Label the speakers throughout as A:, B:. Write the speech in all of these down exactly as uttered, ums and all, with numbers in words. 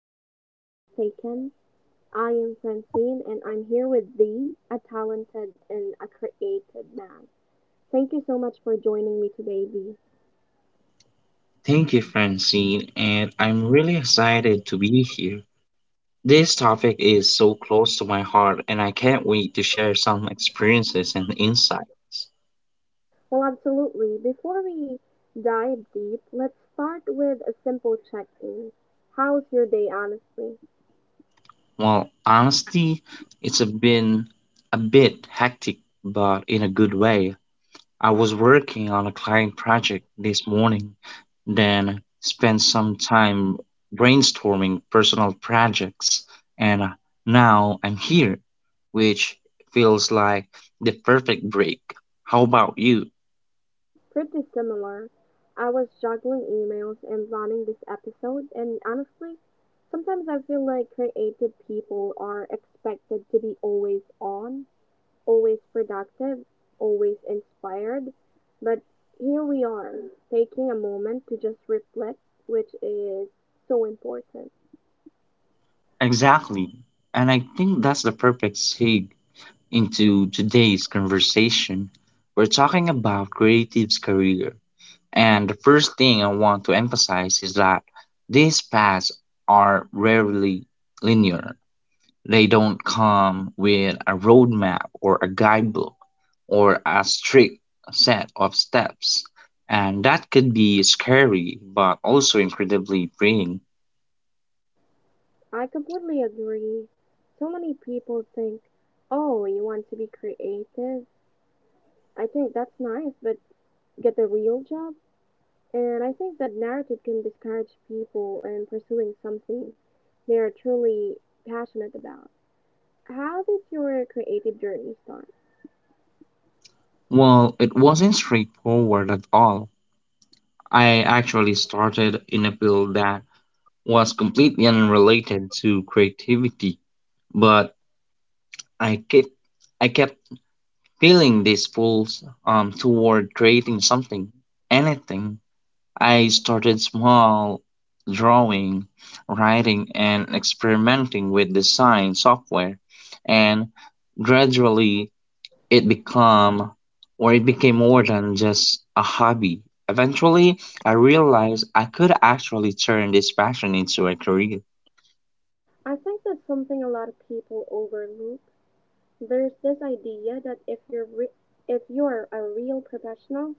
A: Paths less taken. I am Francine and I'm here with Dee, a talented and a creative man. Thank you so much for joining me today, Dee.
B: Thank you, Francine, and I'm really excited to be here. This topic is so close to my heart, and I can't wait to share some experiences and insights.
A: Well, absolutely. Before we dive deep, let's start with a simple check in. How's your day, honestly?
B: Well, honestly, it's a been a bit hectic, but in a good way. I was working on a client project this morning, then spent some time brainstorming personal projects, and now I'm here, which feels like the perfect break. How about you?
A: Pretty similar. I was juggling emails and planning this episode, and honestly, sometimes I feel like creative people are expected to be always on, always productive, always inspired. But here we are, taking a moment to just reflect, which is so important.
B: Exactly. And I think that's the perfect segue into today's conversation. We're talking about creative's career. And the first thing I want to emphasize is that these paths are rarely linear. They don't come with a roadmap or a guidebook or a strict set of steps. And that could be scary, but also incredibly freeing.
A: I completely agree. So many people think, oh, you want to be creative? I think that's nice, but get a real job? And I think that narrative can discourage people in pursuing something they are truly passionate about. How did your creative journey start?
B: Well, it wasn't straightforward at all. I actually started in a field that was completely unrelated to creativity, but I kept I kept feeling this pull um, toward creating something, anything. I started small, drawing, writing, and experimenting with design software, and gradually it became, or it became more than just a hobby. Eventually, I realized I could actually turn this passion into a career.
A: I think that's something a lot of people overlook. There's this idea that if you're re- if you're a real professional,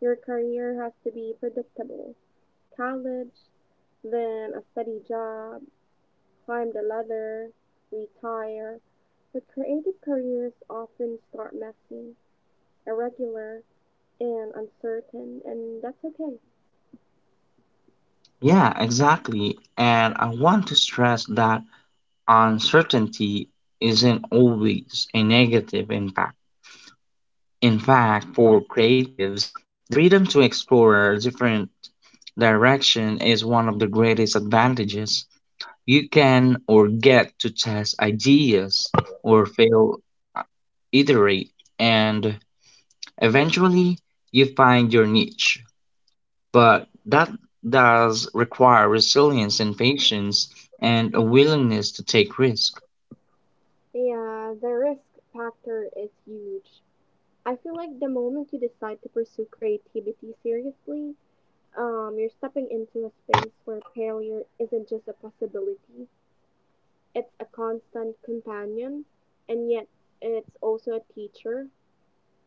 A: your career has to be predictable. College, then a steady job, climb the ladder, retire. But creative careers often start messy, irregular, and uncertain, and that's okay.
B: Yeah, exactly. And I want to stress that uncertainty isn't always a negative impact. In fact, for creatives, the freedom to explore a different direction is one of the greatest advantages. You can or get to test ideas or fail, iterate, and eventually you find your niche. But that does require resilience and patience and a willingness to take risk.
A: Yeah, the risk factor is huge. I feel like the moment you decide to pursue creativity seriously, um, you're stepping into a space where failure isn't just a possibility, it's a constant companion, and yet it's also a teacher.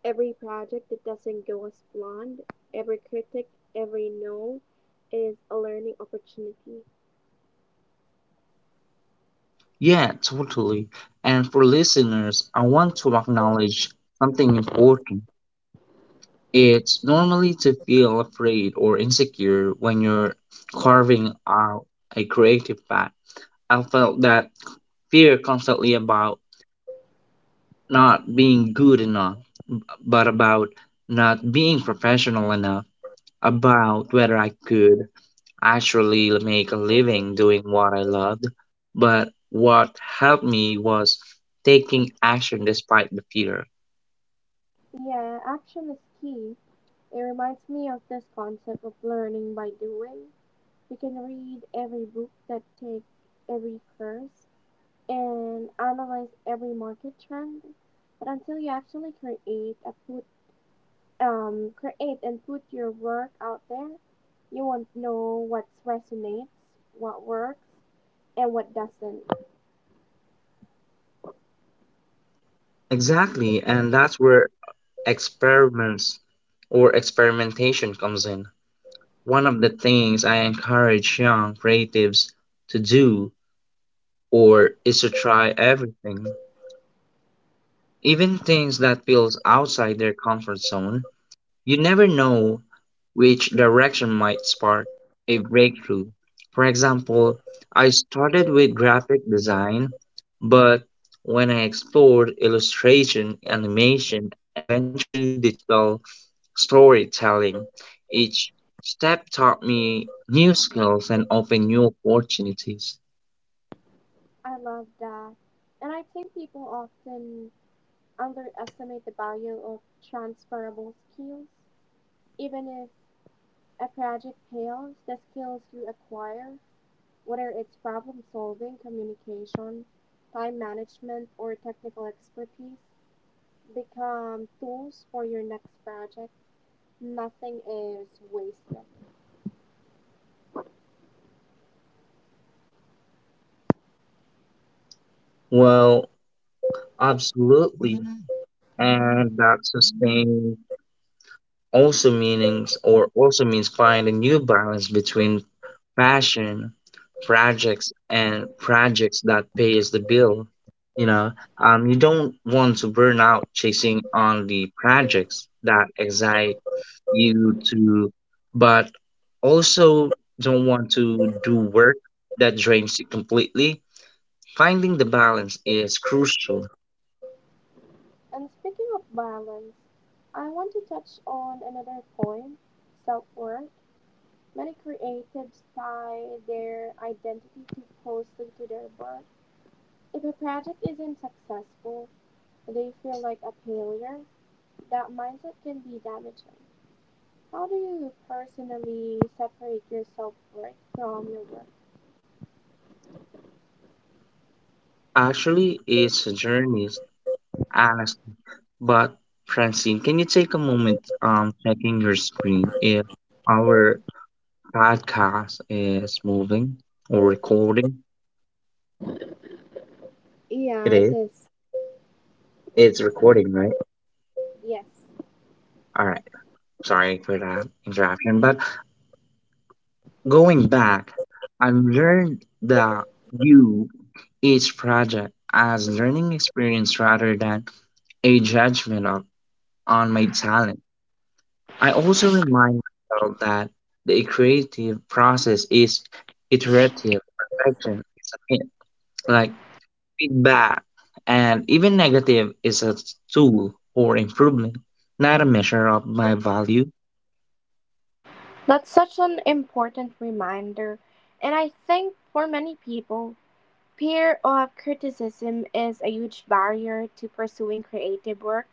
A: Every project that doesn't go as planned, every critic, every no, is a learning opportunity.
B: Yeah, totally. And for listeners, I want to acknowledge something important. It's normally to feel afraid or insecure when you're carving out a creative path. I felt that fear constantly, about not being good enough, but about not being professional enough, about whether I could actually make a living doing what I loved, but what helped me was taking action despite the fear.
A: Yeah, action is key. It reminds me of this concept of learning by doing. You can read every book that take every course and analyze every market trend, but until you actually create a put um create and put your work out there, you won't know what resonates, what works, and what doesn't.
B: Exactly, and that's where experiments or experimentation comes in. One of the things I encourage young creatives to do or is to try everything, even things that feels outside their comfort zone. You never know which direction might spark a breakthrough. For example, I started with graphic design, but when I explored illustration, animation, and eventually digital storytelling, each step taught me new skills and opened new opportunities.
A: I love that. And I think people often underestimate the value of transferable skills, even if a project pales the skills you acquire, whether it's problem solving, communication, time management, or technical expertise, become tools for your next project. Nothing is wasted.
B: Well, absolutely. And that sustain also meanings or also means find a new balance between passion projects and projects that pays the bill, you know um, you don't want to burn out chasing on the projects that excite you to, but also don't want to do work that drains you completely. Finding the balance is crucial.
A: And speaking of balance, I want to touch on another point self worth. Many creatives tie their identity too closely to their work. If a project isn't successful, they feel like a failure. That mindset can be damaging. How do you personally separate your self worth from your work?
B: Actually, it's a journey, honestly, but Francine, can you take a moment um checking your screen if our podcast is moving or recording?
A: Yeah,
B: It
A: it
B: is.
A: is.
B: It's recording, right?
A: Yes.
B: All right. Sorry for that interruption. But going back, I learned that you each project as learning experience rather than a judgment on, on my talent. I also remind myself that the creative process is iterative. Perfection is a myth. Like feedback, and even negative, is a tool for improvement, not a measure of my value.
A: That's such an important reminder. And I think for many people, fear of criticism is a huge barrier to pursuing creative work.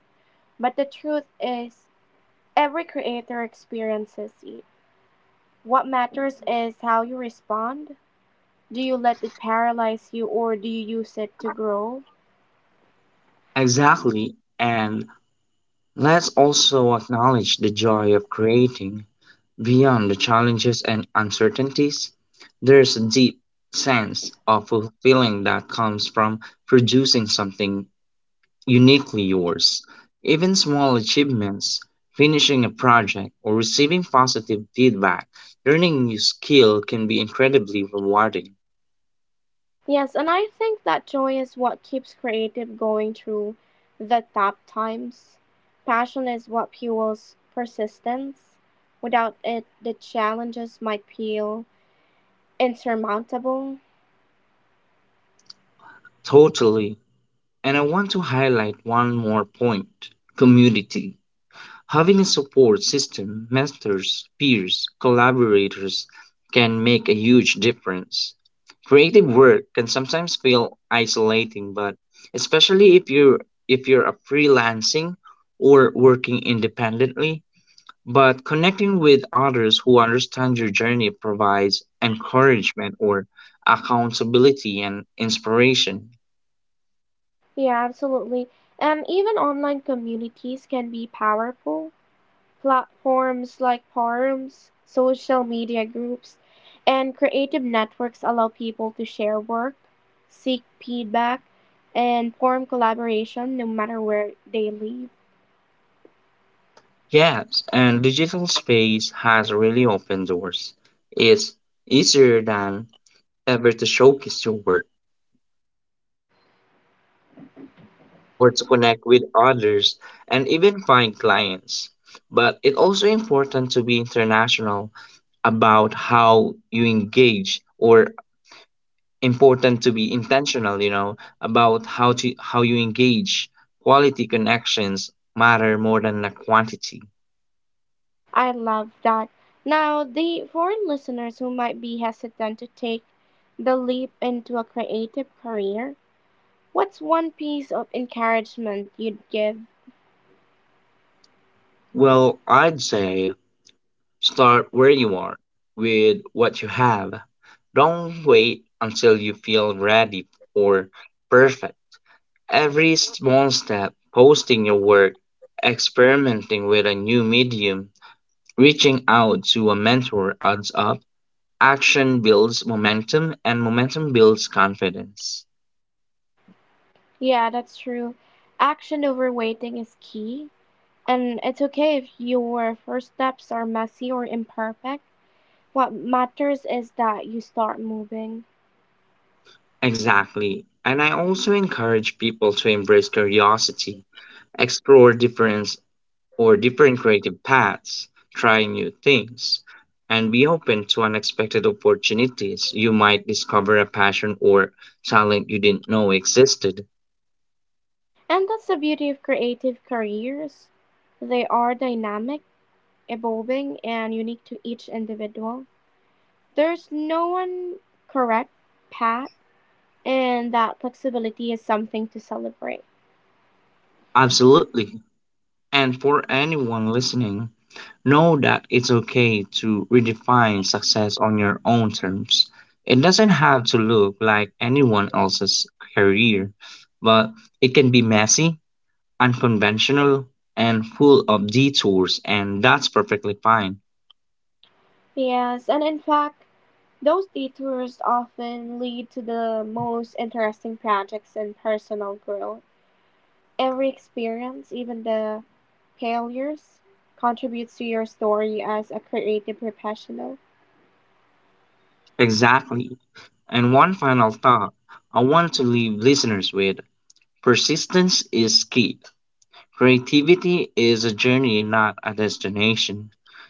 A: But the truth is, every creator experiences it. What matters is how you respond. Do you let it paralyze you or do you use it to grow?
B: Exactly. And let's also acknowledge the joy of creating. Beyond the challenges and uncertainties, there's a deep sense of fulfilling that comes from producing something uniquely yours. Even small achievements, finishing a project, or receiving positive feedback, learning a new skill can be incredibly rewarding.
A: Yes, and I think that joy is what keeps creative going through the tough times. Passion is what fuels persistence. Without it, the challenges might feel insurmountable.
B: Totally. And I want to highlight one more point: community. Having a support system, mentors, peers, collaborators can make a huge difference. Creative work can sometimes feel isolating, but especially if you are if you're a freelancing or working independently, but connecting with others who understand your journey provides encouragement or accountability and inspiration.
A: Yeah, absolutely. And even online communities can be powerful. Platforms like forums, social media groups, and creative networks allow people to share work, seek feedback, and form collaboration no matter where they live.
B: Yes, and digital space has really opened doors. It's easier than ever to showcase your work or to connect with others and even find clients. But it's also important to be international about how you engage or important to be intentional, you know, about how to how you engage. Quality connections matter more than the quantity.
A: I love that. Now, the foreign listeners who might be hesitant to take the leap into a creative career, what's one piece of encouragement you'd give?
B: Well, I'd say start where you are, with what you have. Don't wait until you feel ready or perfect. Every small step, posting your work, experimenting with a new medium, reaching out to a mentor adds up. Action builds momentum, and momentum builds confidence.
A: Yeah, that's true. Action over waiting is key. And it's okay if your first steps are messy or imperfect. What matters is that you start moving.
B: Exactly. And I also encourage people to embrace curiosity, explore different or different creative paths, try new things, and be open to unexpected opportunities. You might discover a passion or talent you didn't know existed.
A: And that's the beauty of creative careers. They are dynamic, evolving, and unique to each individual. There's no one correct path, and that flexibility is something to celebrate.
B: Absolutely. And for anyone listening, know that it's okay to redefine success on your own terms. It doesn't have to look like anyone else's career, but it can be messy, unconventional, and full of detours, and that's perfectly fine.
A: Yes, and in fact, those detours often lead to the most interesting projects and personal growth. Every experience, even the failures, contributes to your story as a creative professional.
B: Exactly. And one final thought I want to leave listeners with: persistence is key. Creativity is a journey, not a destination.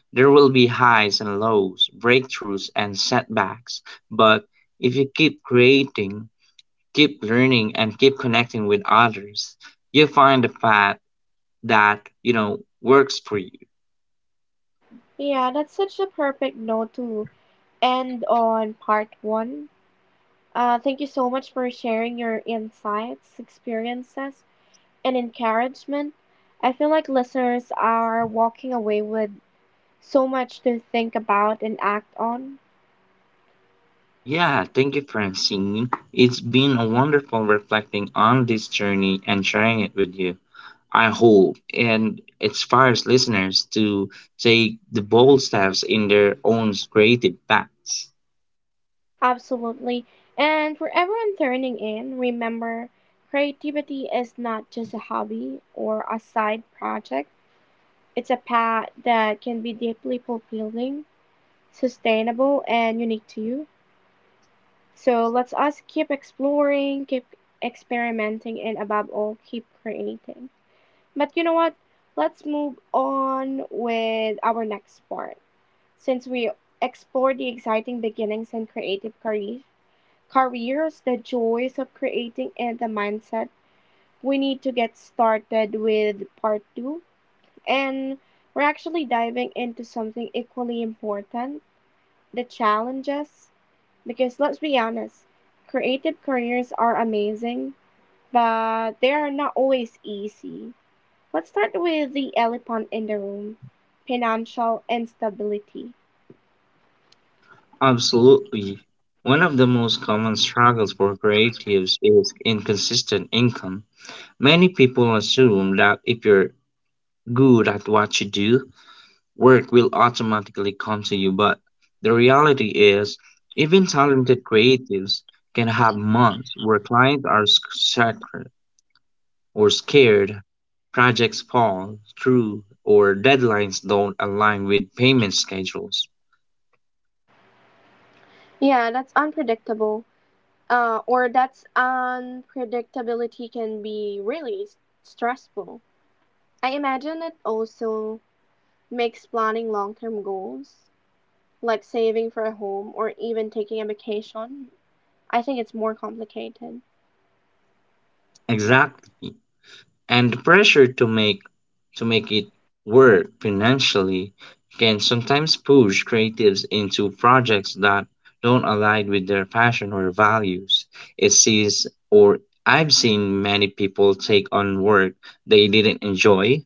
B: There will be highs and lows, breakthroughs and setbacks, but if you keep creating, keep learning and keep connecting with others, you find the path that, you know, works for you.
A: Yeah, that's such a perfect note to end on part one. Uh, thank you so much for sharing your insights, experiences, and encouragement. I feel like listeners are walking away with so much to think about and act on.
B: Yeah, thank you, Francine. It's been a wonderful reflecting on this journey and sharing it with you. I hope, and inspires listeners to take the bold steps in their own creative paths.
A: Absolutely. And for everyone turning in, remember creativity is not just a hobby or a side project, it's a path that can be deeply fulfilling, sustainable, and unique to you. So let's us keep exploring, keep experimenting, and above all, keep creating. But you know what? Let's move on with our next part. Since we explore the exciting beginnings and creative careers, careers, the joys of creating, and the mindset. We need to get started with part two. And we're actually diving into something equally important the challenges. Because let's be honest, creative careers are amazing, but they are not always easy. Let's start with the elephant in the room financial instability.
B: Absolutely. One of the most common struggles for creatives is inconsistent income. Many people assume that if you're good at what you do, work will automatically come to you, but the reality is, even talented creatives can have months where clients are sc- scarce or scared, projects fall through, or deadlines don't align with payment schedules.
A: Yeah, that's unpredictable. uh, or that unpredictability can be really s- stressful. I imagine it also makes planning long term goals, like saving for a home or even taking a vacation. I think it's more complicated.
B: Exactly. And the pressure to make to make it work financially can sometimes push creatives into projects that don't align with their passion or values. It sees or I've seen many people take on work they didn't enjoy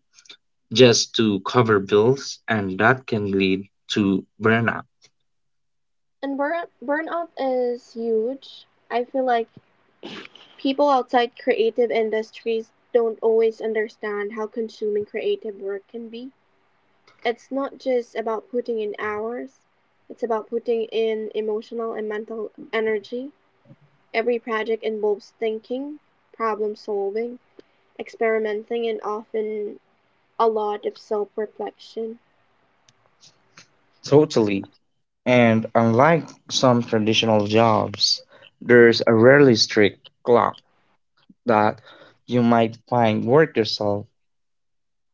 B: just to cover bills, and that can lead to burnout.
A: And burn- burnout is huge. I feel like people outside creative industries don't always understand how consuming creative work can be. It's not just about putting in hours, it's about putting in emotional and mental energy. Every project involves thinking, problem solving, experimenting, and often a lot of self reflection.
B: Totally. And unlike some traditional jobs, there's a rarely strict clock that you might find work yourself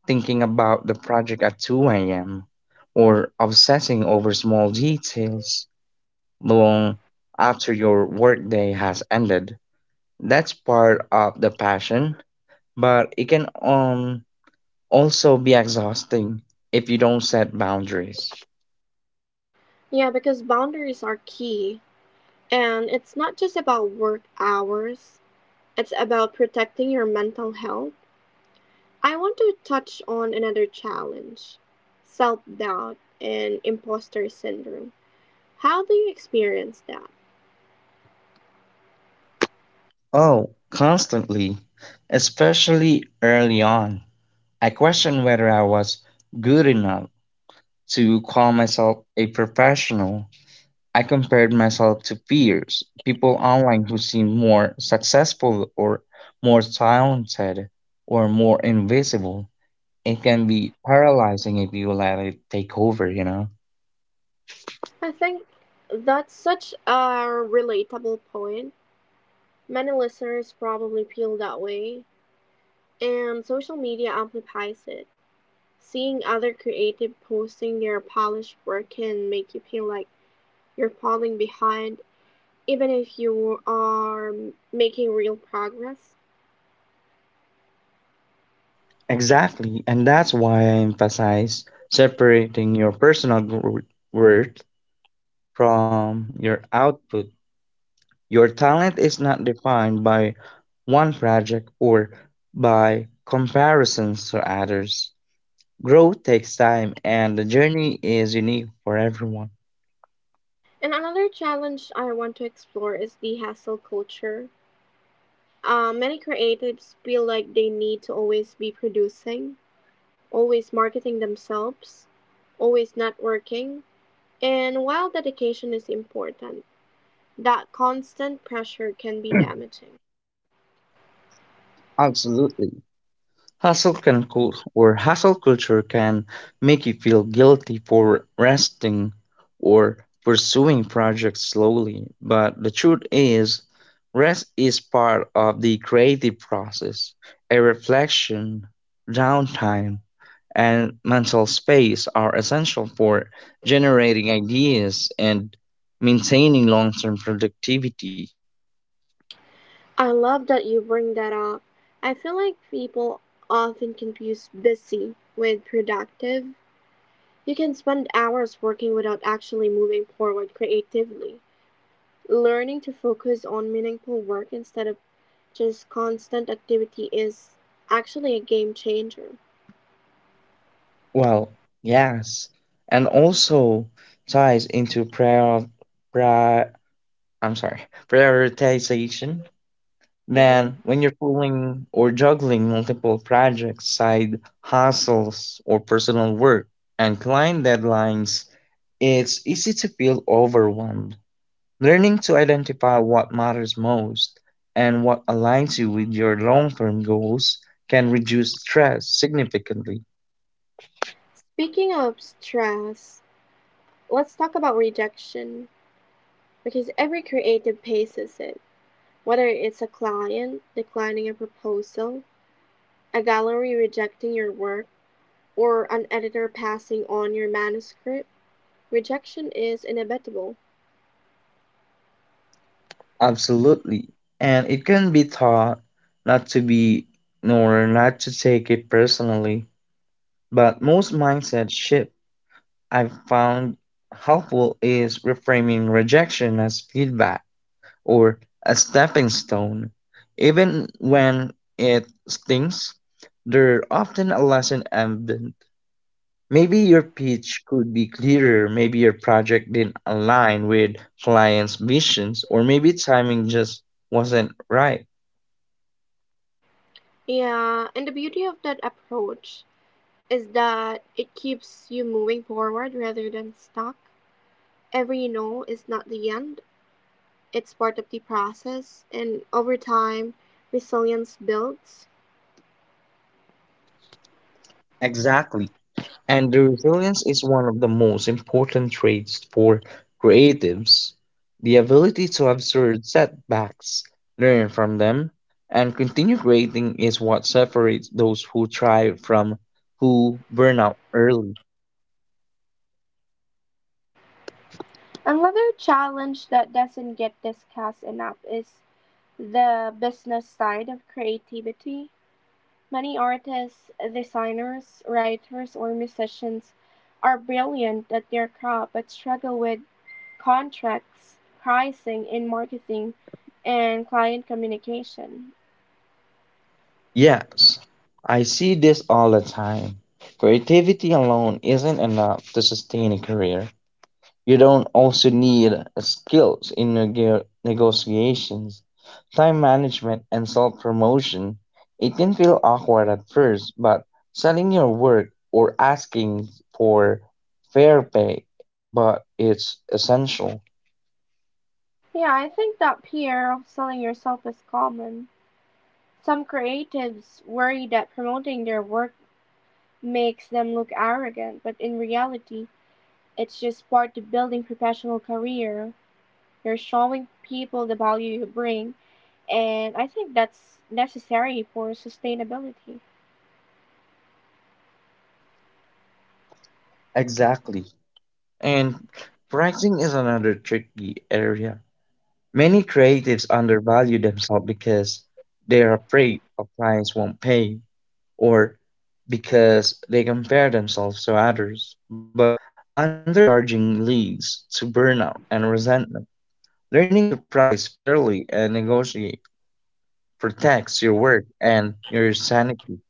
B: thinking about the project at two a m or obsessing over small details long after your workday has ended. That's part of the passion, but it can um, also be exhausting if you don't set boundaries.
A: Yeah, because boundaries are key. And it's not just about work hours, it's about protecting your mental health. I want to touch on another challenge self doubt and imposter syndrome. How do you experience that?
B: Oh, constantly, especially early on. I questioned whether I was good enough to call myself a professional. I compared myself to peers, people online who seemed more successful or more talented or more invisible. It can be paralyzing if you let it take over, you know?
A: I think that's such a relatable point. Many listeners probably feel that way, and social media amplifies it. Seeing other creative posting their polished work can make you feel like you're falling behind, even if you are making real progress.
B: Exactly, and that's why I emphasize separating your personal gro- worth from your output. Your talent is not defined by one project or by comparisons to others. Growth takes time and the journey is unique for everyone.
A: And another challenge I want to explore is the hustle culture. Uh, many creatives feel like they need to always be producing, always marketing themselves, always networking. And while dedication is important, that constant pressure can be damaging.
B: Absolutely. Hustle can cul- or hustle culture can make you feel guilty for resting or pursuing projects slowly, but the truth is rest is part of the creative process. A reflection, downtime, and mental space are essential for generating ideas and maintaining long term productivity.
A: I love that you bring that up. I feel like people often confuse busy with productive. You can spend hours working without actually moving forward creatively. Learning to focus on meaningful work instead of just constant activity is actually a game changer.
B: Well, yes, and also ties into prior, pri I'm sorry, prioritization.
A: Mhm.
B: Then, when you're pulling or juggling multiple projects, side hustles, or personal work and client deadlines, it's easy to feel overwhelmed. Learning to identify what matters most and what aligns you with your long term goals can reduce stress significantly.
A: Speaking of stress, let's talk about rejection because every creative faces it. Whether it's a client declining a proposal, a gallery rejecting your work, or an editor passing on your manuscript, rejection is inevitable.
B: Absolutely. And it can be taught not to be nor not to take it personally. But most mindset shift I've found helpful is reframing rejection as feedback or a stepping stone. Even when it stings, there's often a lesson embedded. Maybe your pitch could be clearer, maybe your project didn't align with clients' visions, or maybe timing just wasn't right.
A: Yeah, and the beauty of that approach is that it keeps you moving forward rather than stuck. Every no is not the end, it's part of the process, and over time, resilience builds.
B: Exactly. And the resilience is one of the most important traits for creatives. The ability to absorb setbacks, learn from them, and continue creating is what separates those who thrive from who burn out early.
A: Another challenge that doesn't get discussed enough is the business side of creativity. Many artists, designers, writers, or musicians are brilliant at their craft but struggle with contracts, pricing, and marketing and client communication.
B: Yes, I see this all the time. Creativity alone isn't enough to sustain a career. You don't also need skills in neg- negotiations, time management, and self promotion. It can feel awkward at first, but selling your work or asking for fair pay, but it's essential.
A: Yeah, I think that fear of selling yourself is common. Some creatives worry that promoting their work makes them look arrogant, but in reality, it's just part of building professional career. You're showing people the value you bring, and I think that's necessary for sustainability.
B: Exactly. And pricing is another tricky area. Many creatives undervalue themselves because they're afraid of clients won't pay or because they compare themselves to others. But undercharging leads to burnout and resentment. Learning to price fairly and negotiate protects your work and your sanity.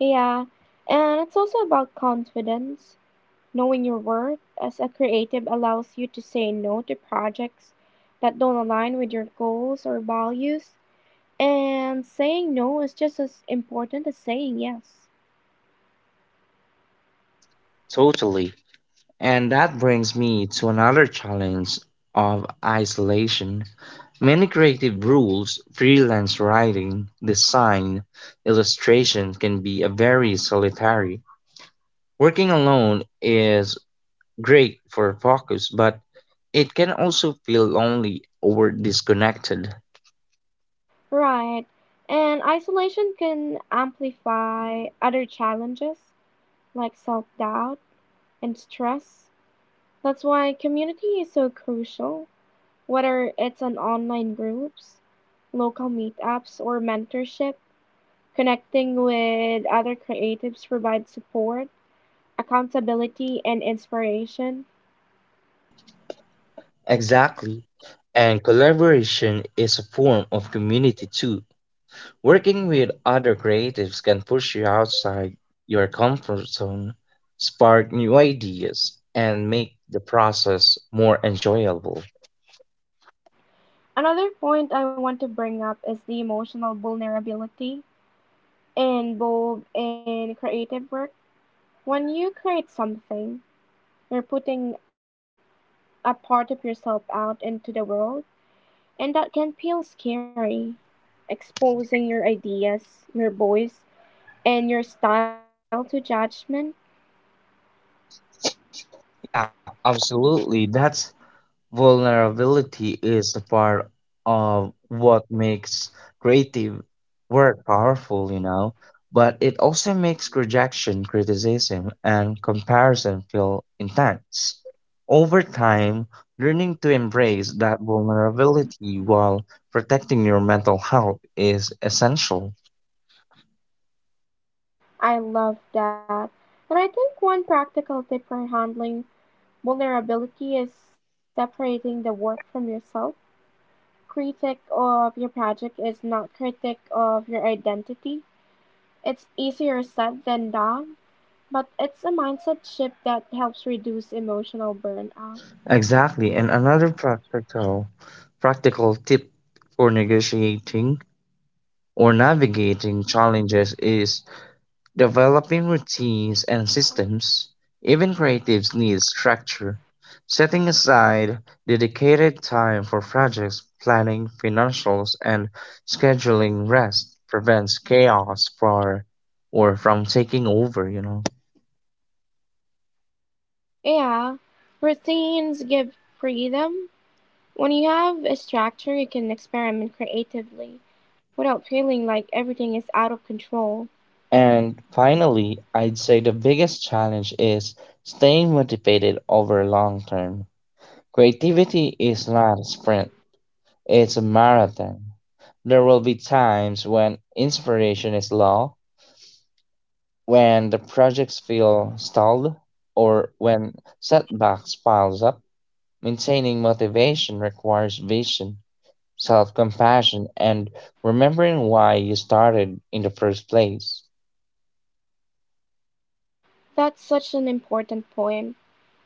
A: Yeah, and it's also about confidence. Knowing your worth as a creative allows you to say no to projects that don't align with your goals or values. And saying no is just as important as saying yes.
B: Totally. And that brings me to another challenge of isolation. Many creative rules, freelance writing, design, illustration can be a very solitary. Working alone is great for focus, but it can also feel lonely or disconnected.
A: Right. And isolation can amplify other challenges like self doubt and stress. That's why community is so crucial. Whether it's an online groups, local meetups, or mentorship. Connecting with other creatives provides support, accountability, and inspiration.
B: Exactly. And collaboration is a form of community too. Working with other creatives can push you outside your comfort zone, spark new ideas, and make the process more enjoyable.
A: Another point I want to bring up is the emotional vulnerability involved in creative work. When you create something, you're putting a part of yourself out into the world, and that can feel scary. Exposing your ideas, your voice, and your style to judgment.
B: Yeah, absolutely. That's vulnerability is a part of what makes creative work powerful, you know, but it also makes rejection, criticism, and comparison feel intense. Over time, learning to embrace that vulnerability while protecting your mental health is essential.
A: I love that. And I think one practical tip for handling vulnerability is separating the work from yourself. Critic of your project is not critic of your identity. It's easier said than done, but it's a mindset shift that helps reduce emotional burnout.
B: Exactly, and another practical practical tip for negotiating or navigating challenges is developing routines and systems. Even creatives need structure. Setting aside dedicated time for projects, planning, financials, and scheduling rest prevents chaos for or from taking over, you know.
A: Yeah, routines give freedom. When you have a structure, you can experiment creatively without feeling like everything is out of control.
B: And finally, I'd say the biggest challenge is staying motivated over long term. Creativity is not a sprint. It's a marathon. There will be times when inspiration is low, when the projects feel stalled, or when setbacks piles up. Maintaining motivation requires vision, self-compassion, and remembering why you started in the first place.
A: That's such an important point.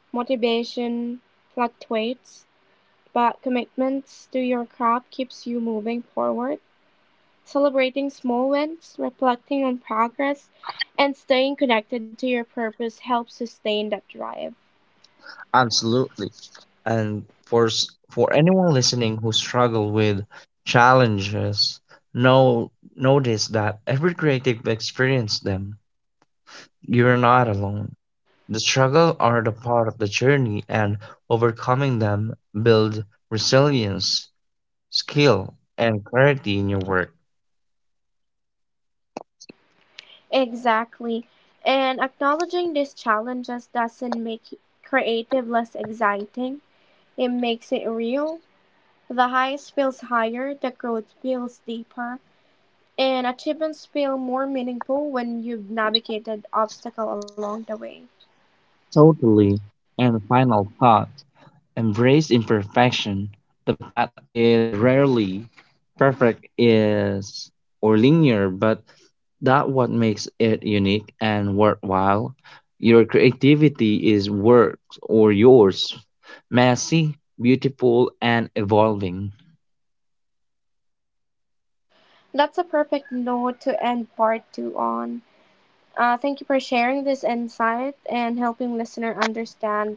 A: Motivation fluctuates, but commitments to your craft keeps you moving forward. Celebrating small wins, reflecting on progress, and staying connected to your purpose helps sustain that drive.
B: Absolutely. And for s- for anyone listening who struggle with challenges, know notice that every creative experience them. You're not alone. The struggle are the part of the journey, and overcoming them build resilience, skill, and clarity in your work.
A: Exactly. And acknowledging these challenges doesn't make creative less exciting. It makes it real. The highs feels higher, the growth feels deeper, and achievements feel more meaningful when you've navigated obstacle along the way.
B: Totally. And final thought. Embrace imperfection. The path is rarely perfect is or linear, but that what makes it unique and worthwhile. Your creativity is work or yours, messy, beautiful, and evolving.
A: That's a perfect note to end part two on. Uh, thank you for sharing this insight and helping listener understand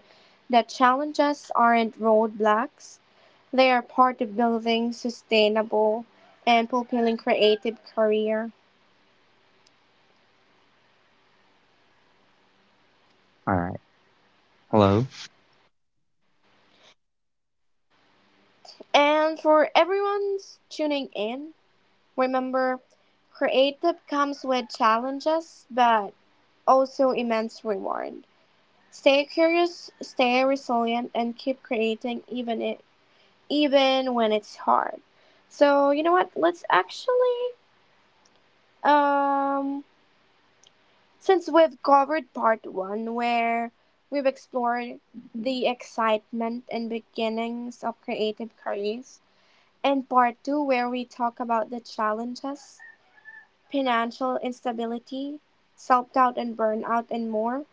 A: that challenges aren't roadblocks. They are part of building sustainable and fulfilling creative career.
B: All right. Hello.
A: And for everyone's tuning in, remember, creative comes with challenges, but also immense reward. Stay curious, stay resilient, and keep creating even it, even when it's hard. So you know what? Let's actually, um, since we've covered part one where we've explored the excitement and beginnings of creative careers, and part two where we talk about the challenges financial instability, self doubt and burnout, and more.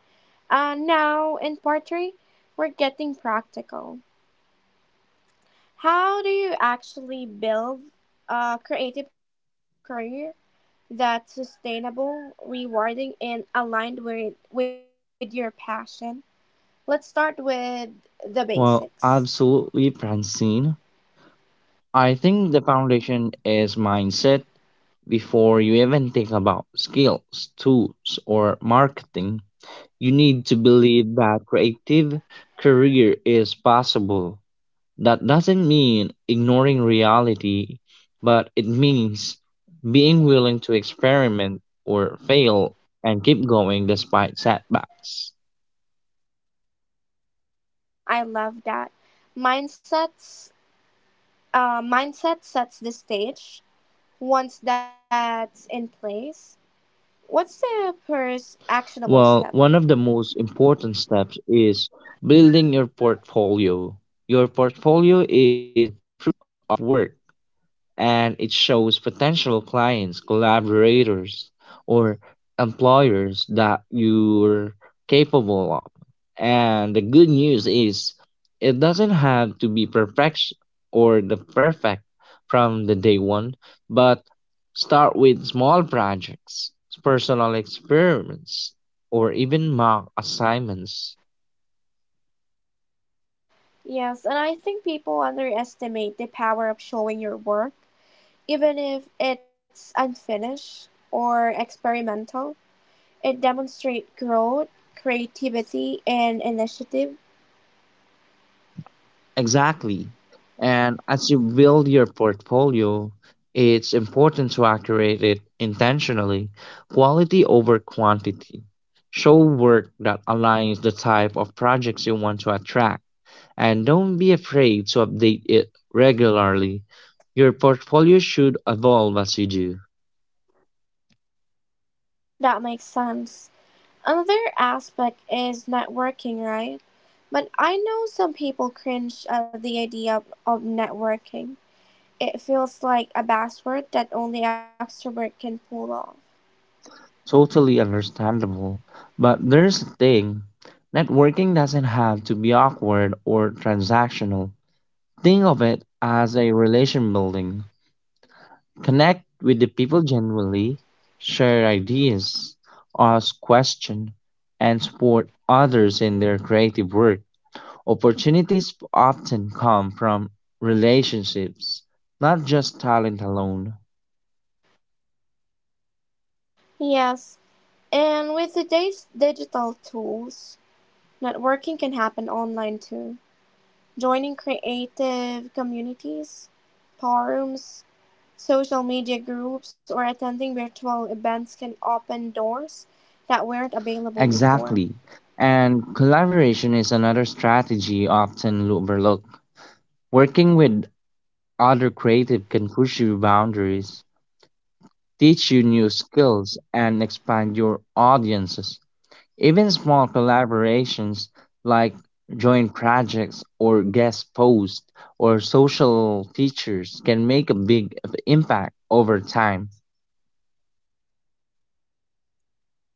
A: Uh, now, in part three, we're getting practical. How do you actually build a creative career that's sustainable, rewarding, and aligned with, with your passion? Let's start with the
B: Well,
A: basics.
B: absolutely, Francine. I think the foundation is mindset before you even think about skills, tools, or marketing. You need to believe that creative career is possible. That doesn't mean ignoring reality, but it means being willing to experiment or fail and keep going despite setbacks.
A: I love that. Mindsets, uh, Mindset sets the stage. Once that's in place, what's the first actionable step?
B: Well, one of the most important steps is building your portfolio. Your portfolio is your proof of work, and it shows potential clients, collaborators, or employers that you're capable of. And the good news is, it doesn't have to be perfect or the perfect from the day one, but start with small projects, personal experiments, or even mock assignments.
A: Yes, and I think people underestimate the power of showing your work. Even if it's unfinished or experimental, it demonstrates growth, creativity, and initiative.
B: Exactly. And as you build your portfolio, it's important to accurate it intentionally. Quality over quantity. Show work that aligns the type of projects you want to attract. And don't be afraid to update it regularly. Your portfolio should evolve as you do.
A: That makes sense. Another aspect is networking, right? But I know some people cringe at the idea of, of networking. It feels like a buzzword that only extrovert can pull off.
B: Totally understandable. But there's a thing: networking doesn't have to be awkward or transactional. Think of it as a relation building. Connect with the people generally, share ideas, ask questions, and support others in their creative work. Opportunities often come from relationships, not just talent alone.
A: Yes, and with today's digital tools, networking can happen online too. Joining creative communities, forums, social media groups, or attending virtual events can open doors that weren't available
B: Exactly.
A: before.
B: And collaboration is another strategy often overlooked. Working with other creative can push your boundaries, teach you new skills, and expand your audiences. Even small collaborations like joint projects or guest posts or social features can make a big impact over time.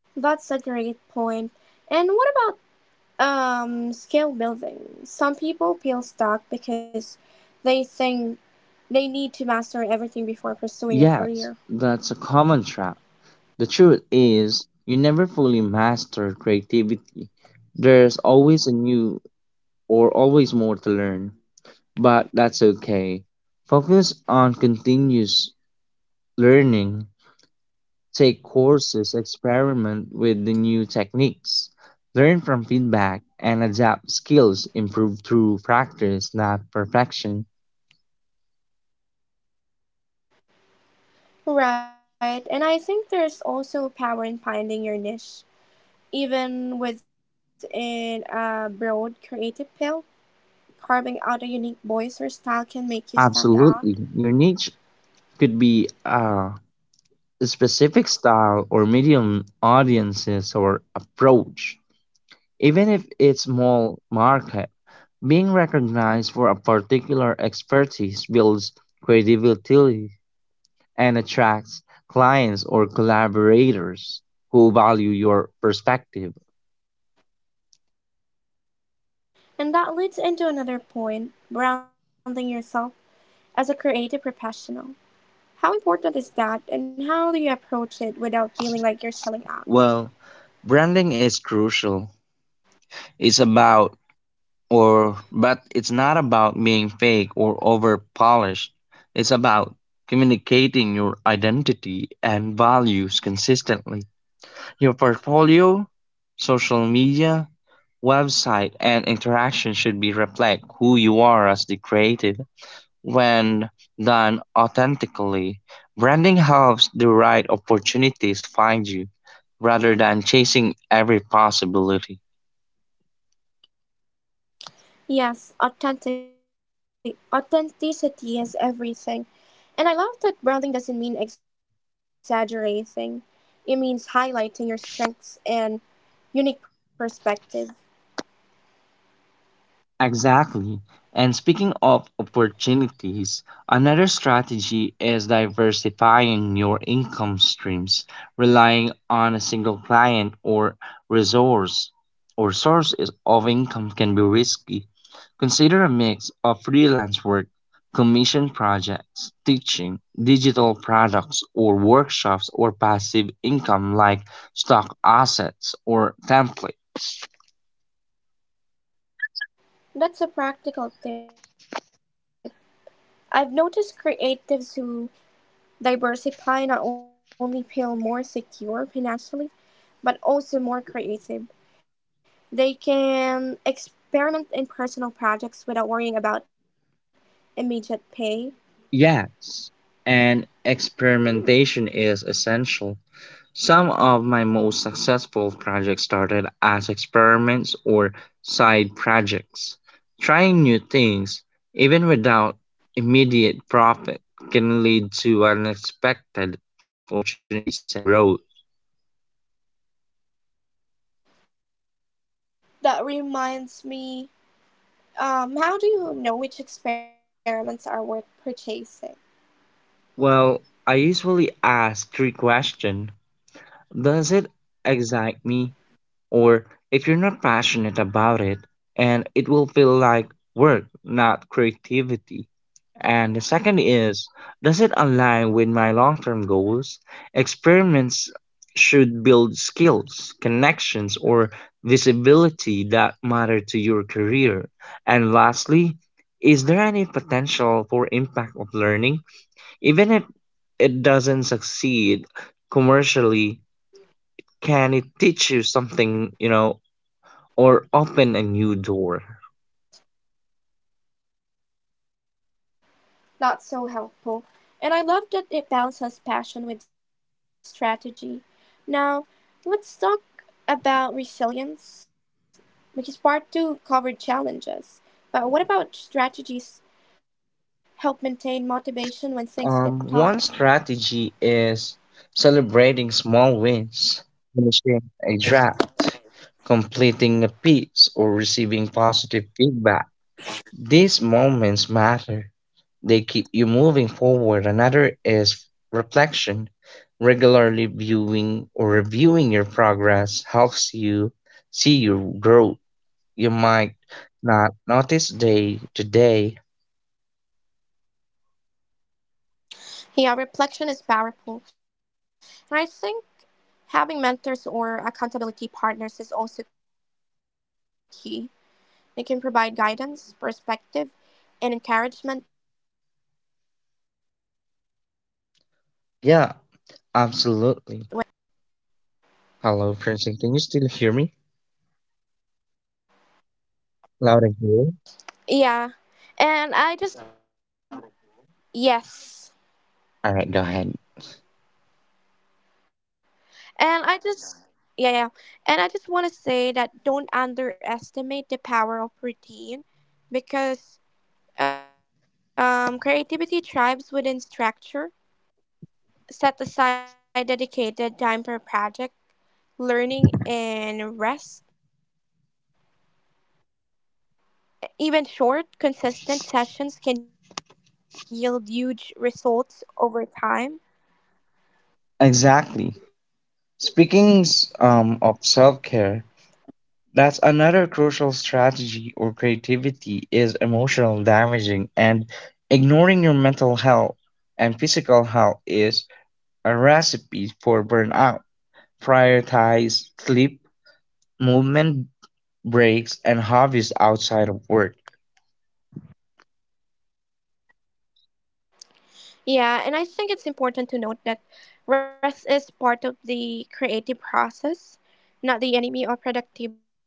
A: That's a great point. And what about um, skill building? Some people feel stuck because they think they need to master everything before pursuing a
B: Yes,
A: career.
B: that's a common trap. The truth is, you never fully master creativity. There's always a new or always more to learn, but that's okay. Focus on continuous learning. Take courses, experiment with the new techniques, learn from feedback, and adapt skills improved through practice, not perfection.
A: Right, and I think there's also power in finding your niche, even within a broad creative field. Carving out a unique voice or style can make you stand out.
B: Absolutely. Your niche could be a specific style or medium audiences or approach. Even if it's small market, being recognized for a particular expertise builds credibility and attracts clients or collaborators who value your perspective.
A: And that leads into another point: branding yourself as a creative professional. How important is that, and how do you approach it without feeling like you're selling
B: Well,
A: out?
B: branding is crucial. It's about or but it's not about being fake or over polished. It's about communicating your identity and values consistently. Your portfolio, social media, website and interaction should be reflect who you are as the creative. When done authentically, branding helps the right opportunities find you rather than chasing every possibility.
A: Yes, authentic authenticity is everything. And I love that branding doesn't mean exaggerating. It means highlighting your strengths and unique perspective.
B: Exactly. And speaking of opportunities, another strategy is diversifying your income streams. Relying on a single client or resource or sources of income can be risky. Consider a mix of freelance work, commission projects, teaching, digital products or workshops, or passive income like stock assets or template.
A: That's a practical tip. I've noticed creatives who diversify not only feel more secure financially, but also more creative. They can experiment in personal projects without worrying about immediate pay.
B: Yes, and experimentation is essential. Some of my most successful projects started as experiments or side projects. Trying new things, even without immediate profit, can lead to unexpected opportunities and growth.
A: That reminds me, um, how do you know which experiments are worth purchasing?
B: Well, I usually ask three questions. Does it excite me? Or If you're not passionate about it, and it will feel like work, not creativity. And the second is, does it align with my long term goals? Experiments should build skills, connections, or visibility that matter to your career. And lastly, is there any potential for impact of learning? Even if it doesn't succeed commercially, can it teach you something, you know, or open a new door.
A: Not so helpful. And I love that it balances passion with strategy. Now, let's talk about resilience, because part two covered challenges. But what about strategies help maintain motivation when things get
B: Um,
A: tough?
B: one strategy is celebrating small wins, finishing a draft, completing a piece, or receiving positive feedback. These moments matter. They keep you moving forward. Another is reflection. Regularly viewing or reviewing your progress helps you see your growth. You might not notice day to day.
A: Yeah, reflection is powerful. And I think having mentors or accountability partners is also key. They can provide guidance, perspective, and encouragement when you feel stuck.
B: Yeah, absolutely. Hello, Princeton. Can you still hear me? Loud and clear.
A: Yeah. And I just got it. Yes.
B: All right, go ahead.
A: And I just Yeah, yeah, yeah. And I just want to say that don't underestimate the power of routine because um creativity thrives within structure. Set aside dedicated time for project, learning, and rest. Even short, consistent sessions can yield huge results over time.
B: Exactly. Speaking s- um, of self-care, that's another crucial strategy or creativity is emotional damaging, and ignoring your mental health and physical health is a recipe for burnout. Prioritize sleep, movement, breaks, and hobbies outside of work.
A: Yeah, and I think it's important to note that rest is part of the creative process, not the enemy of productivity.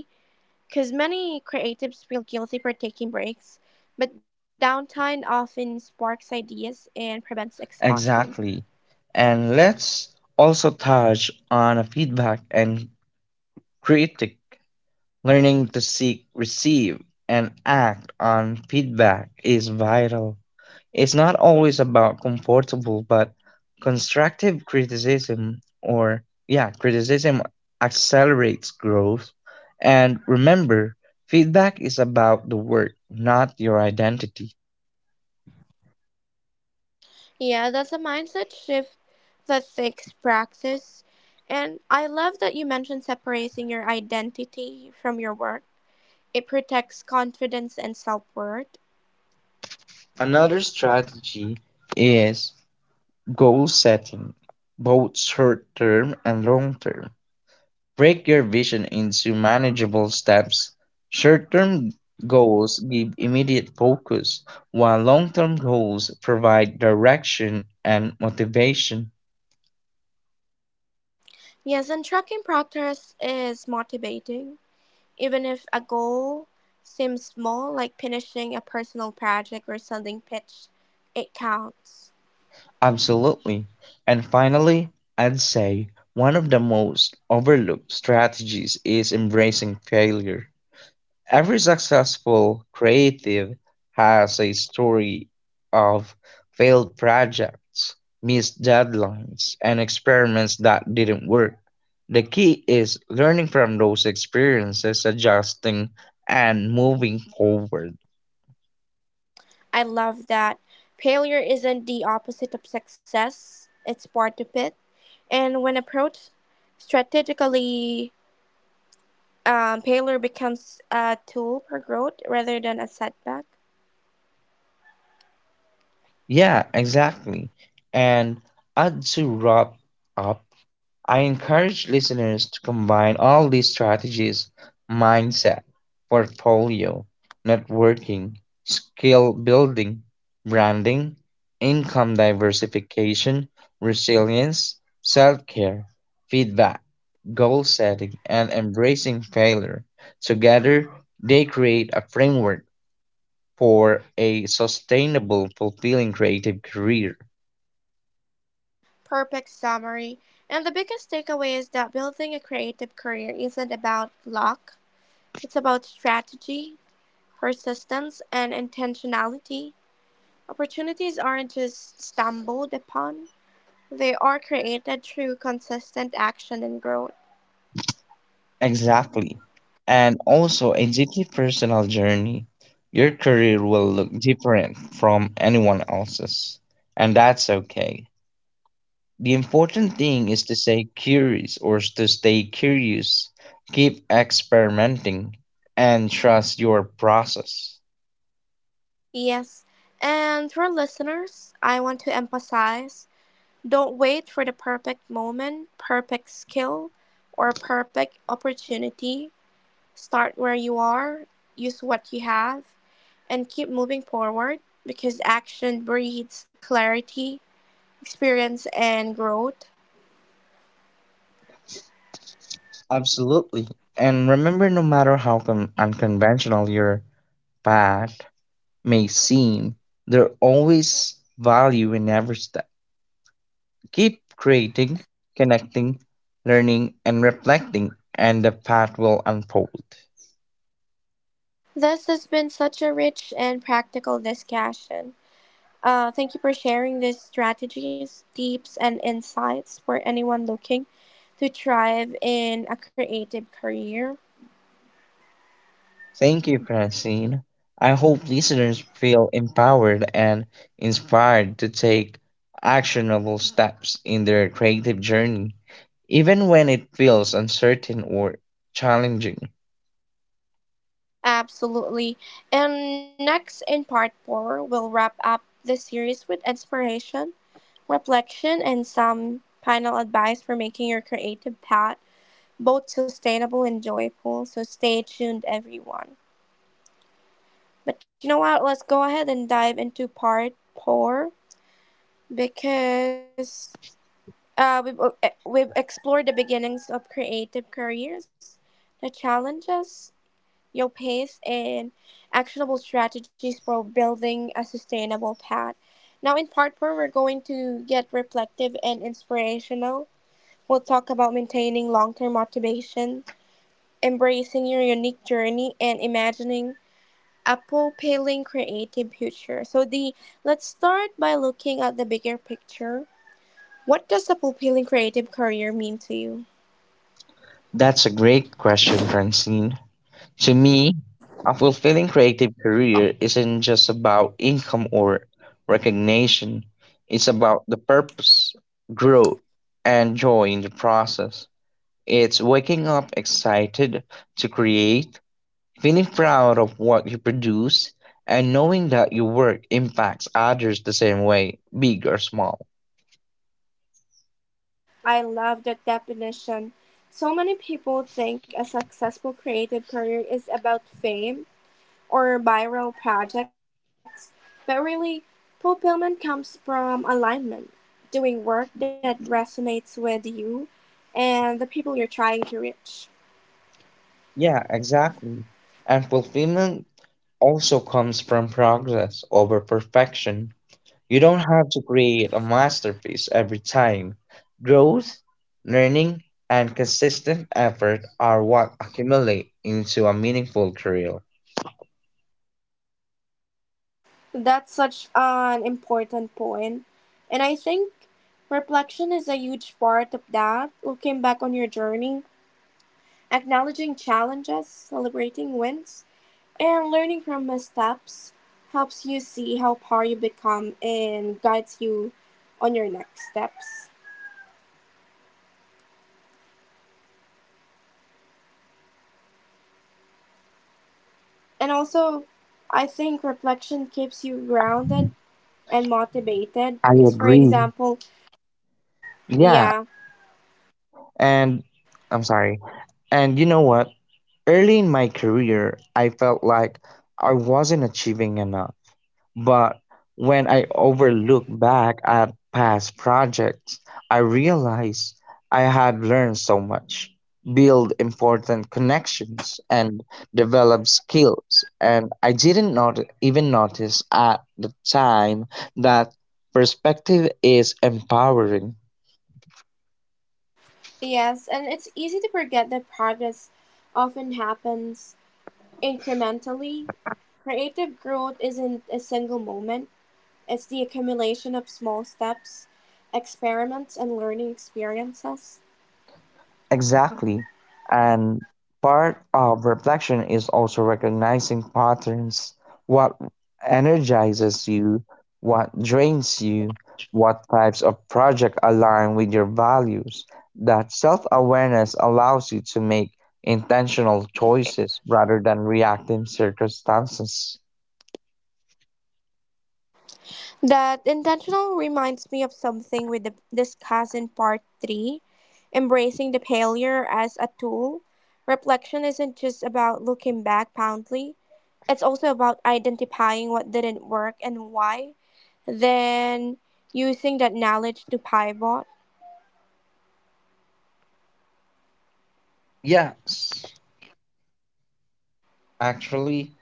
A: Because many creatives feel guilty for taking breaks, but downtime often sparks ideas and prevents exhaustion.
B: Exactly. And let's also touch on feedback and critique. Learning to seek, receive, and act on feedback is vital. It's not always about comfortable, but constructive criticism or, yeah, criticism accelerates growth. And remember, feedback is about the work, not your identity.
A: Yeah, that's a mindset shift that takes practice. And I love that you mentioned separating your identity from your work. It protects confidence and self worth.
B: Another strategy is goal setting, both short term and long term. Break your vision into manageable steps. Short term goals give immediate focus, while long term goals provide direction and motivation.
A: Yes, and tracking progress is motivating. Even if a goal seems small, like finishing a personal project or sending pitch, it counts.
B: Absolutely. And finally, I'd say one of the most overlooked strategies is embracing failure. Every successful creative has a story of failed projects, missed deadlines, and experiments that didn't work. The key is learning from those experiences, adjusting, and moving forward.
A: I love that. Failure isn't the opposite of success, it's part of it. And when approached strategically, um, failure becomes a tool for growth rather than a setback.
B: Yeah, exactly. And uh, to wrap up, I encourage listeners to combine all these strategies: mindset, portfolio, networking, skill building, branding, income diversification, resilience, self care, feedback, goal setting, and embracing failure. Together, they create a framework for a sustainable, fulfilling creative career.
A: Perfect summary. And the biggest takeaway is that building a creative career isn't about luck, it's about strategy, persistence, and intentionality. Opportunities aren't just stumbled upon, they are created through consistent action and growth.
B: Exactly. And also a deeply personal journey. Your career will look different from anyone else's. And that's okay. The important thing is to stay curious or to stay curious. Keep experimenting and trust your process.
A: Yes. And for listeners, I want to emphasize: don't wait for the perfect moment, perfect skill, or perfect opportunity. Start where you are, use what you have, and keep moving forward because action breeds clarity, experience, and growth.
B: Absolutely. And remember, no matter how con- unconventional your path may seem, there always value in every step. Keep creating, connecting, learning, and reflecting, and the path will unfold.
A: This has been such a rich and practical discussion. Uh, thank you for sharing these strategies, tips, and insights for anyone looking to thrive in a creative career.
B: Thank you, Francine. I hope listeners feel empowered and inspired to take actionable steps in their creative journey, even when it feels uncertain or challenging.
A: Absolutely. And next, in part four, we'll wrap up the series with inspiration, reflection, and some final advice for making your creative path both sustainable and joyful. So stay tuned, everyone. But you know what? Let's go ahead and dive into part four because uh, we've, uh, we've explored the beginnings of creative careers, the challenges, your pace and actionable strategies for building a sustainable path. Now, in part four, we're going to get reflective and inspirational. We'll talk about maintaining long term motivation, embracing your unique journey, and imagining a fulfilling creative future. So, the let's start by looking at the bigger picture. What does a fulfilling creative career mean to you?
B: That's a great question, Francine. To me, a fulfilling creative career isn't just about income or recognition, it's about the purpose, growth, and joy in the process. It's waking up excited to create, feeling proud of what you produce, and knowing that your work impacts others the same way, big or small.
A: I love that definition. So many people think a successful creative career is about fame or viral projects, but really, fulfillment comes from alignment, doing work that resonates with you and the people you're trying to reach.
B: Yeah, exactly. And fulfillment also comes from progress over perfection. You don't have to create a masterpiece every time. Growth, learning, and consistent effort are what accumulate into a meaningful career.
A: That's such an important point, and I think reflection is a huge part of that. Looking back on your journey, acknowledging challenges, celebrating wins, and learning from missteps helps you see how far you become and guides you on your next steps. And also, I think reflection keeps you grounded and motivated
B: I
A: because, for
B: agree.
A: example,
B: Yeah.
A: yeah,
B: And I'm sorry. And you know what? Early in my career, I felt like I wasn't achieving enough. But when I overlook back at past projects, I realized I had learned so much, build important connections, and develop skills. And I didn't not even notice at the time that perspective is empowering.
A: yes, and it's easy to forget that progress often happens incrementally. Creative growth isn't a single moment, it's the accumulation of small steps, experiments, and learning experiences.
B: Exactly. And part of reflection is also recognizing patterns, what energizes you, what drains you, what types of project align with your values. That self-awareness allows you to make intentional choices rather than reactive circumstances.
A: That intentional reminds me of something we di- discussed in part three: embracing the failure as a tool. Reflection isn't just about looking back proudly, it's also about identifying what didn't work and why, then using that knowledge to pivot.
B: Yes, actually,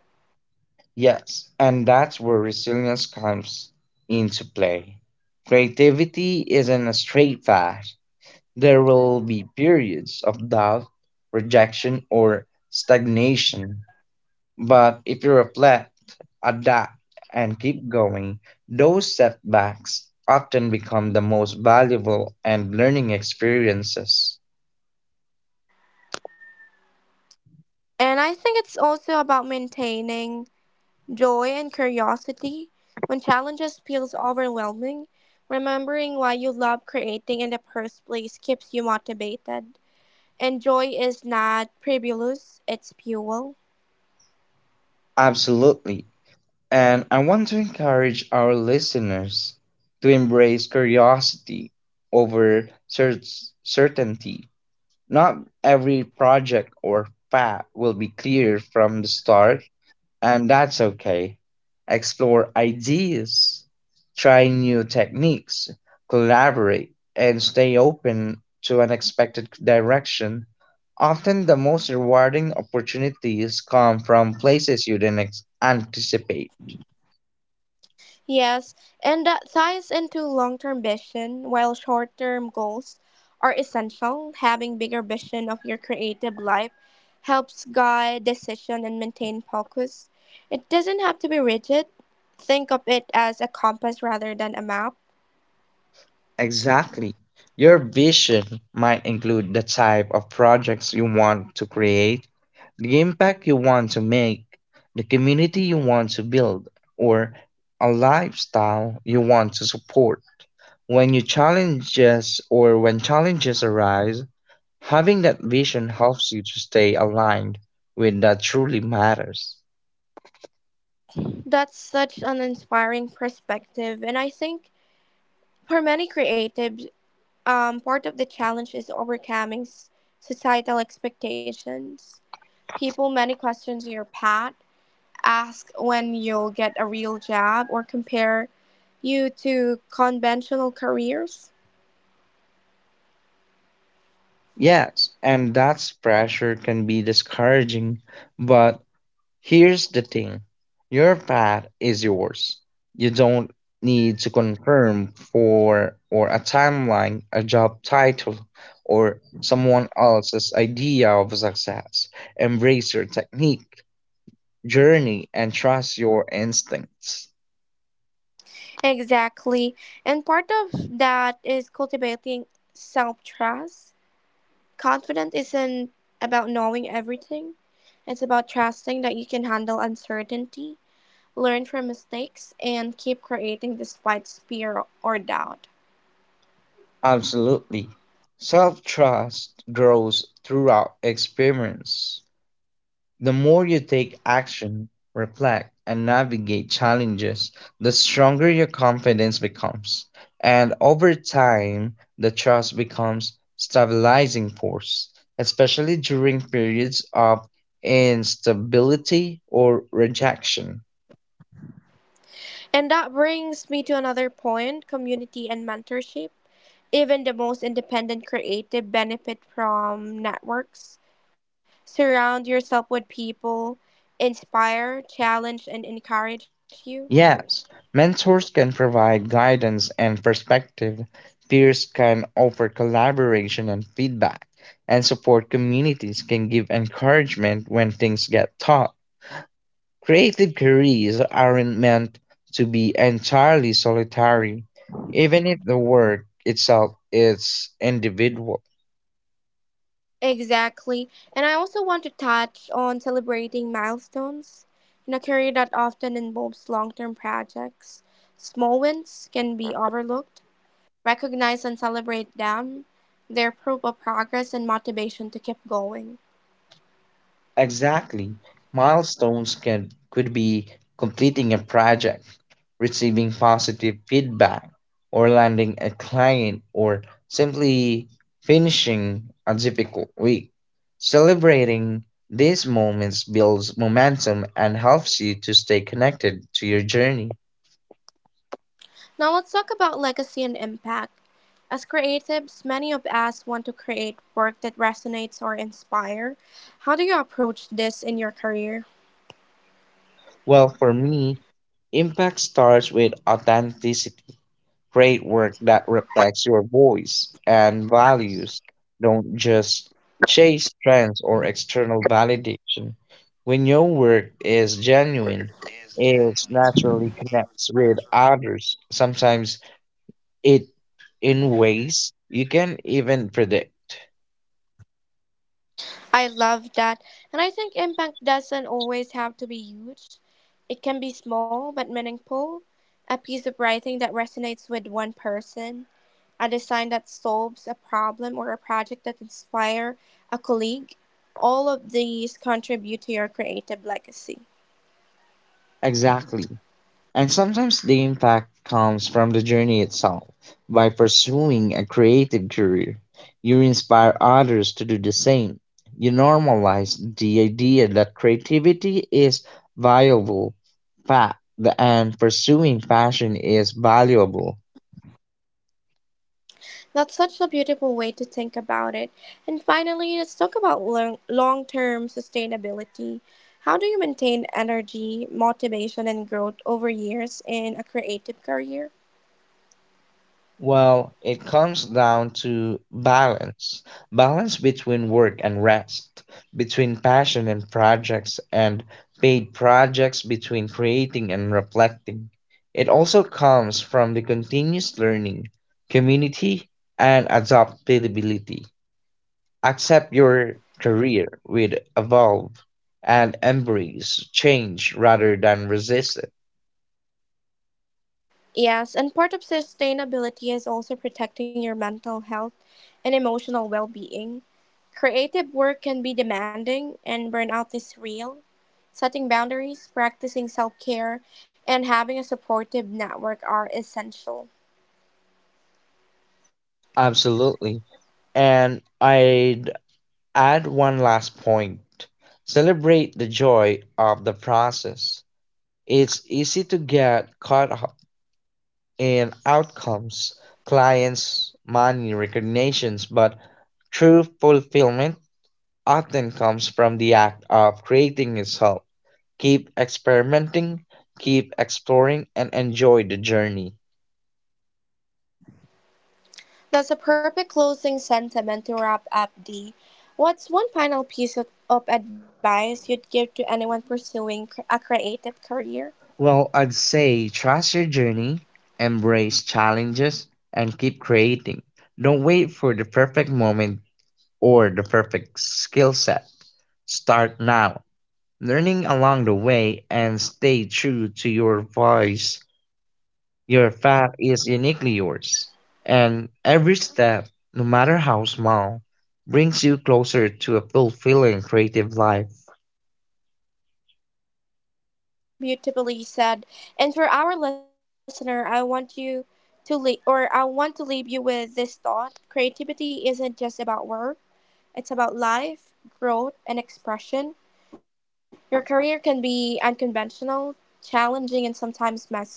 B: Yes, and that's where resilience comes into play. Creativity isn't a straight path. There will be periods of doubt, rejection, or stagnation. But if you reflect, adapt, and keep going, those setbacks often become the most valuable and learning experiences.
A: And I think it's also about maintaining joy and curiosity when challenges feels overwhelming. Remembering why you love creating in the first place keeps you motivated. And joy is not frivolous, it's fuel.
B: Absolutely. And I want to encourage our listeners to embrace curiosity over cer- certainty. Not every project or path will be clear from the start, and that's okay. Explore ideas, try new techniques, collaborate, and stay open to unexpected direction. Often the most rewarding opportunities come from places you didn't ex- anticipate.
A: Yes, and that ties into long term vision, while short term goals are essential. Having bigger vision of your creative life helps guide decision and maintain focus. It doesn't have to be rigid. Think of it as a compass rather than a map.
B: Exactly. Your vision might include the type of projects you want to create, the impact you want to make, the community you want to build, or a lifestyle you want to support. When you challenges or when challenges arise, having that vision helps you to stay aligned with that truly matters.
A: That's such an inspiring perspective, and I think for many creatives, um, part of the challenge is overcoming s- societal expectations. People many questions your path, ask when you'll get a real job, or compare you to conventional careers.
B: Yes, and that's pressure can be discouraging, but here's the thing: your path is yours. You don't need to confirm for or a timeline, a job title, or someone else's idea of success. Embrace your technique, journey, and trust your instincts.
A: Exactly. And part of that is cultivating self trust. Confidence isn't about knowing everything, it's about trusting that you can handle uncertainty, learn from mistakes, and keep creating despite fear or doubt.
B: Absolutely. Self trust grows throughout experience. The more you take action, reflect, and navigate challenges, the stronger your confidence becomes. And over time, the trust becomes stabilizing force, especially during periods of instability or rejection.
A: And that brings me to another point: community and mentorship. Even the most independent creative benefit from networks. Surround yourself with people, inspire, challenge, and encourage you.
B: Yes, mentors can provide guidance and perspective. Peers can offer collaboration and feedback, and support communities can give encouragement when things get tough. Creative careers aren't meant to be entirely solitary, even if the work itself is individual.
A: Exactly. And I also want to touch on celebrating milestones. In a career that often involves long term projects, small wins can be overlooked. Recognize and celebrate them. They're proof of progress and motivation to keep going.
B: Exactly. Milestones can could be completing a project, receiving positive feedback, or landing a client, or simply finishing a difficult week. Celebrating these moments builds momentum and helps you to stay connected to your journey.
A: Now let's talk about legacy and impact. As creatives, many of us want to create work that resonates or inspire. How do you approach this in your career?
B: Well, for me, impact starts with authenticity. Create work that reflects your voice and values. Don't just chase trends or external validation. When your work is genuine, it naturally connects with others. Sometimes it in ways you can even predict.
A: I love that. And I think impact doesn't always have to be huge. It can be small but meaningful. A piece of writing that resonates with one person, a design that solves a problem or a project that inspires a colleague. All of these contribute to your creative legacy.
B: Exactly. And sometimes the impact comes from the journey itself. By pursuing a creative career, you inspire others to do the same. You normalize the idea that creativity is valuable, fa- and pursuing passion is valuable.
A: That's such a beautiful way to think about it. And finally, let's talk about long term sustainability. How do you maintain energy, motivation, and growth over years in a creative career?
B: Well, it comes down to balance balance between work and rest, between passion and projects, and paid projects, between creating and reflecting. It also comes from the continuous learning, community, and adaptability. Accept your career with evolve and embrace change rather than resist it.
A: Yes, and part of sustainability is also protecting your mental health and emotional well being. Creative work can be demanding, and burnout is real. Setting boundaries, practicing self care, and having a supportive network are essential.
B: Absolutely. And I'd add one last point. Celebrate the joy of the process. It's easy to get caught up in outcomes, clients, money, recognitions, but true fulfillment often comes from the act of creating itself. Keep experimenting, keep exploring, and enjoy the journey.
A: That's a perfect closing sentiment to wrap up, D. What's one final piece of, of advice you'd give to anyone pursuing cr- a creative career?
B: Well, I'd say trust your journey, embrace challenges, and keep creating. Don't wait for the perfect moment or the perfect skill set. Start now, learning along the way, and stay true to your voice. Your path is uniquely yours, and every step, no matter how small, brings you closer to a fulfilling creative life.
A: Beautifully said. And for our listener, I want you to leave, or I want to leave you with this thought: creativity isn't just about work; it's about life, growth, and expression. Your career can be unconventional, challenging, and sometimes messy, but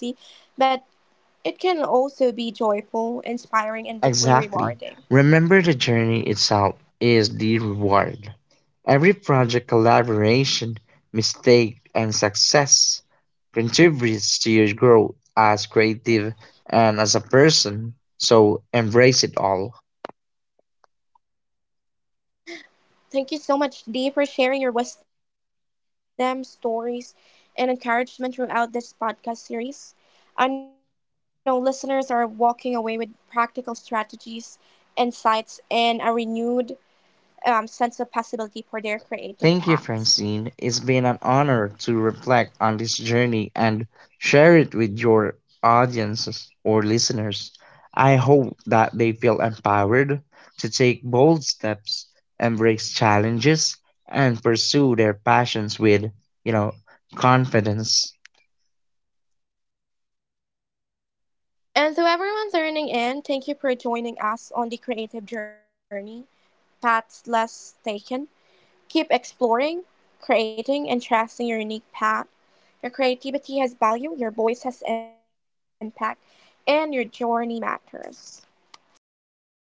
A: it can also be joyful, inspiring, and deeply rewarding.
B: Exactly. Remember the journey itself is the reward. Every project collaboration, mistake, and success contributes to your growth as creative and as a person, so embrace it all.
A: Thank you so much, Dee, for sharing your wisdom, stories, and encouragement throughout this podcast series. I know listeners are walking away with practical strategies, insights, and a renewed um, sense of possibility for their creative paths.
B: Thank you, Francine. It's been an honor to reflect on this journey and share it with your audiences or listeners. I hope that they feel empowered to take bold steps, embrace challenges, and pursue their passions with, you know, confidence.
A: And to everyone turning in, thank you for joining us on the creative journey, Paths Less Taken. Keep exploring, creating, and trusting your unique path. Your creativity has value, your voice has impact, and your journey matters.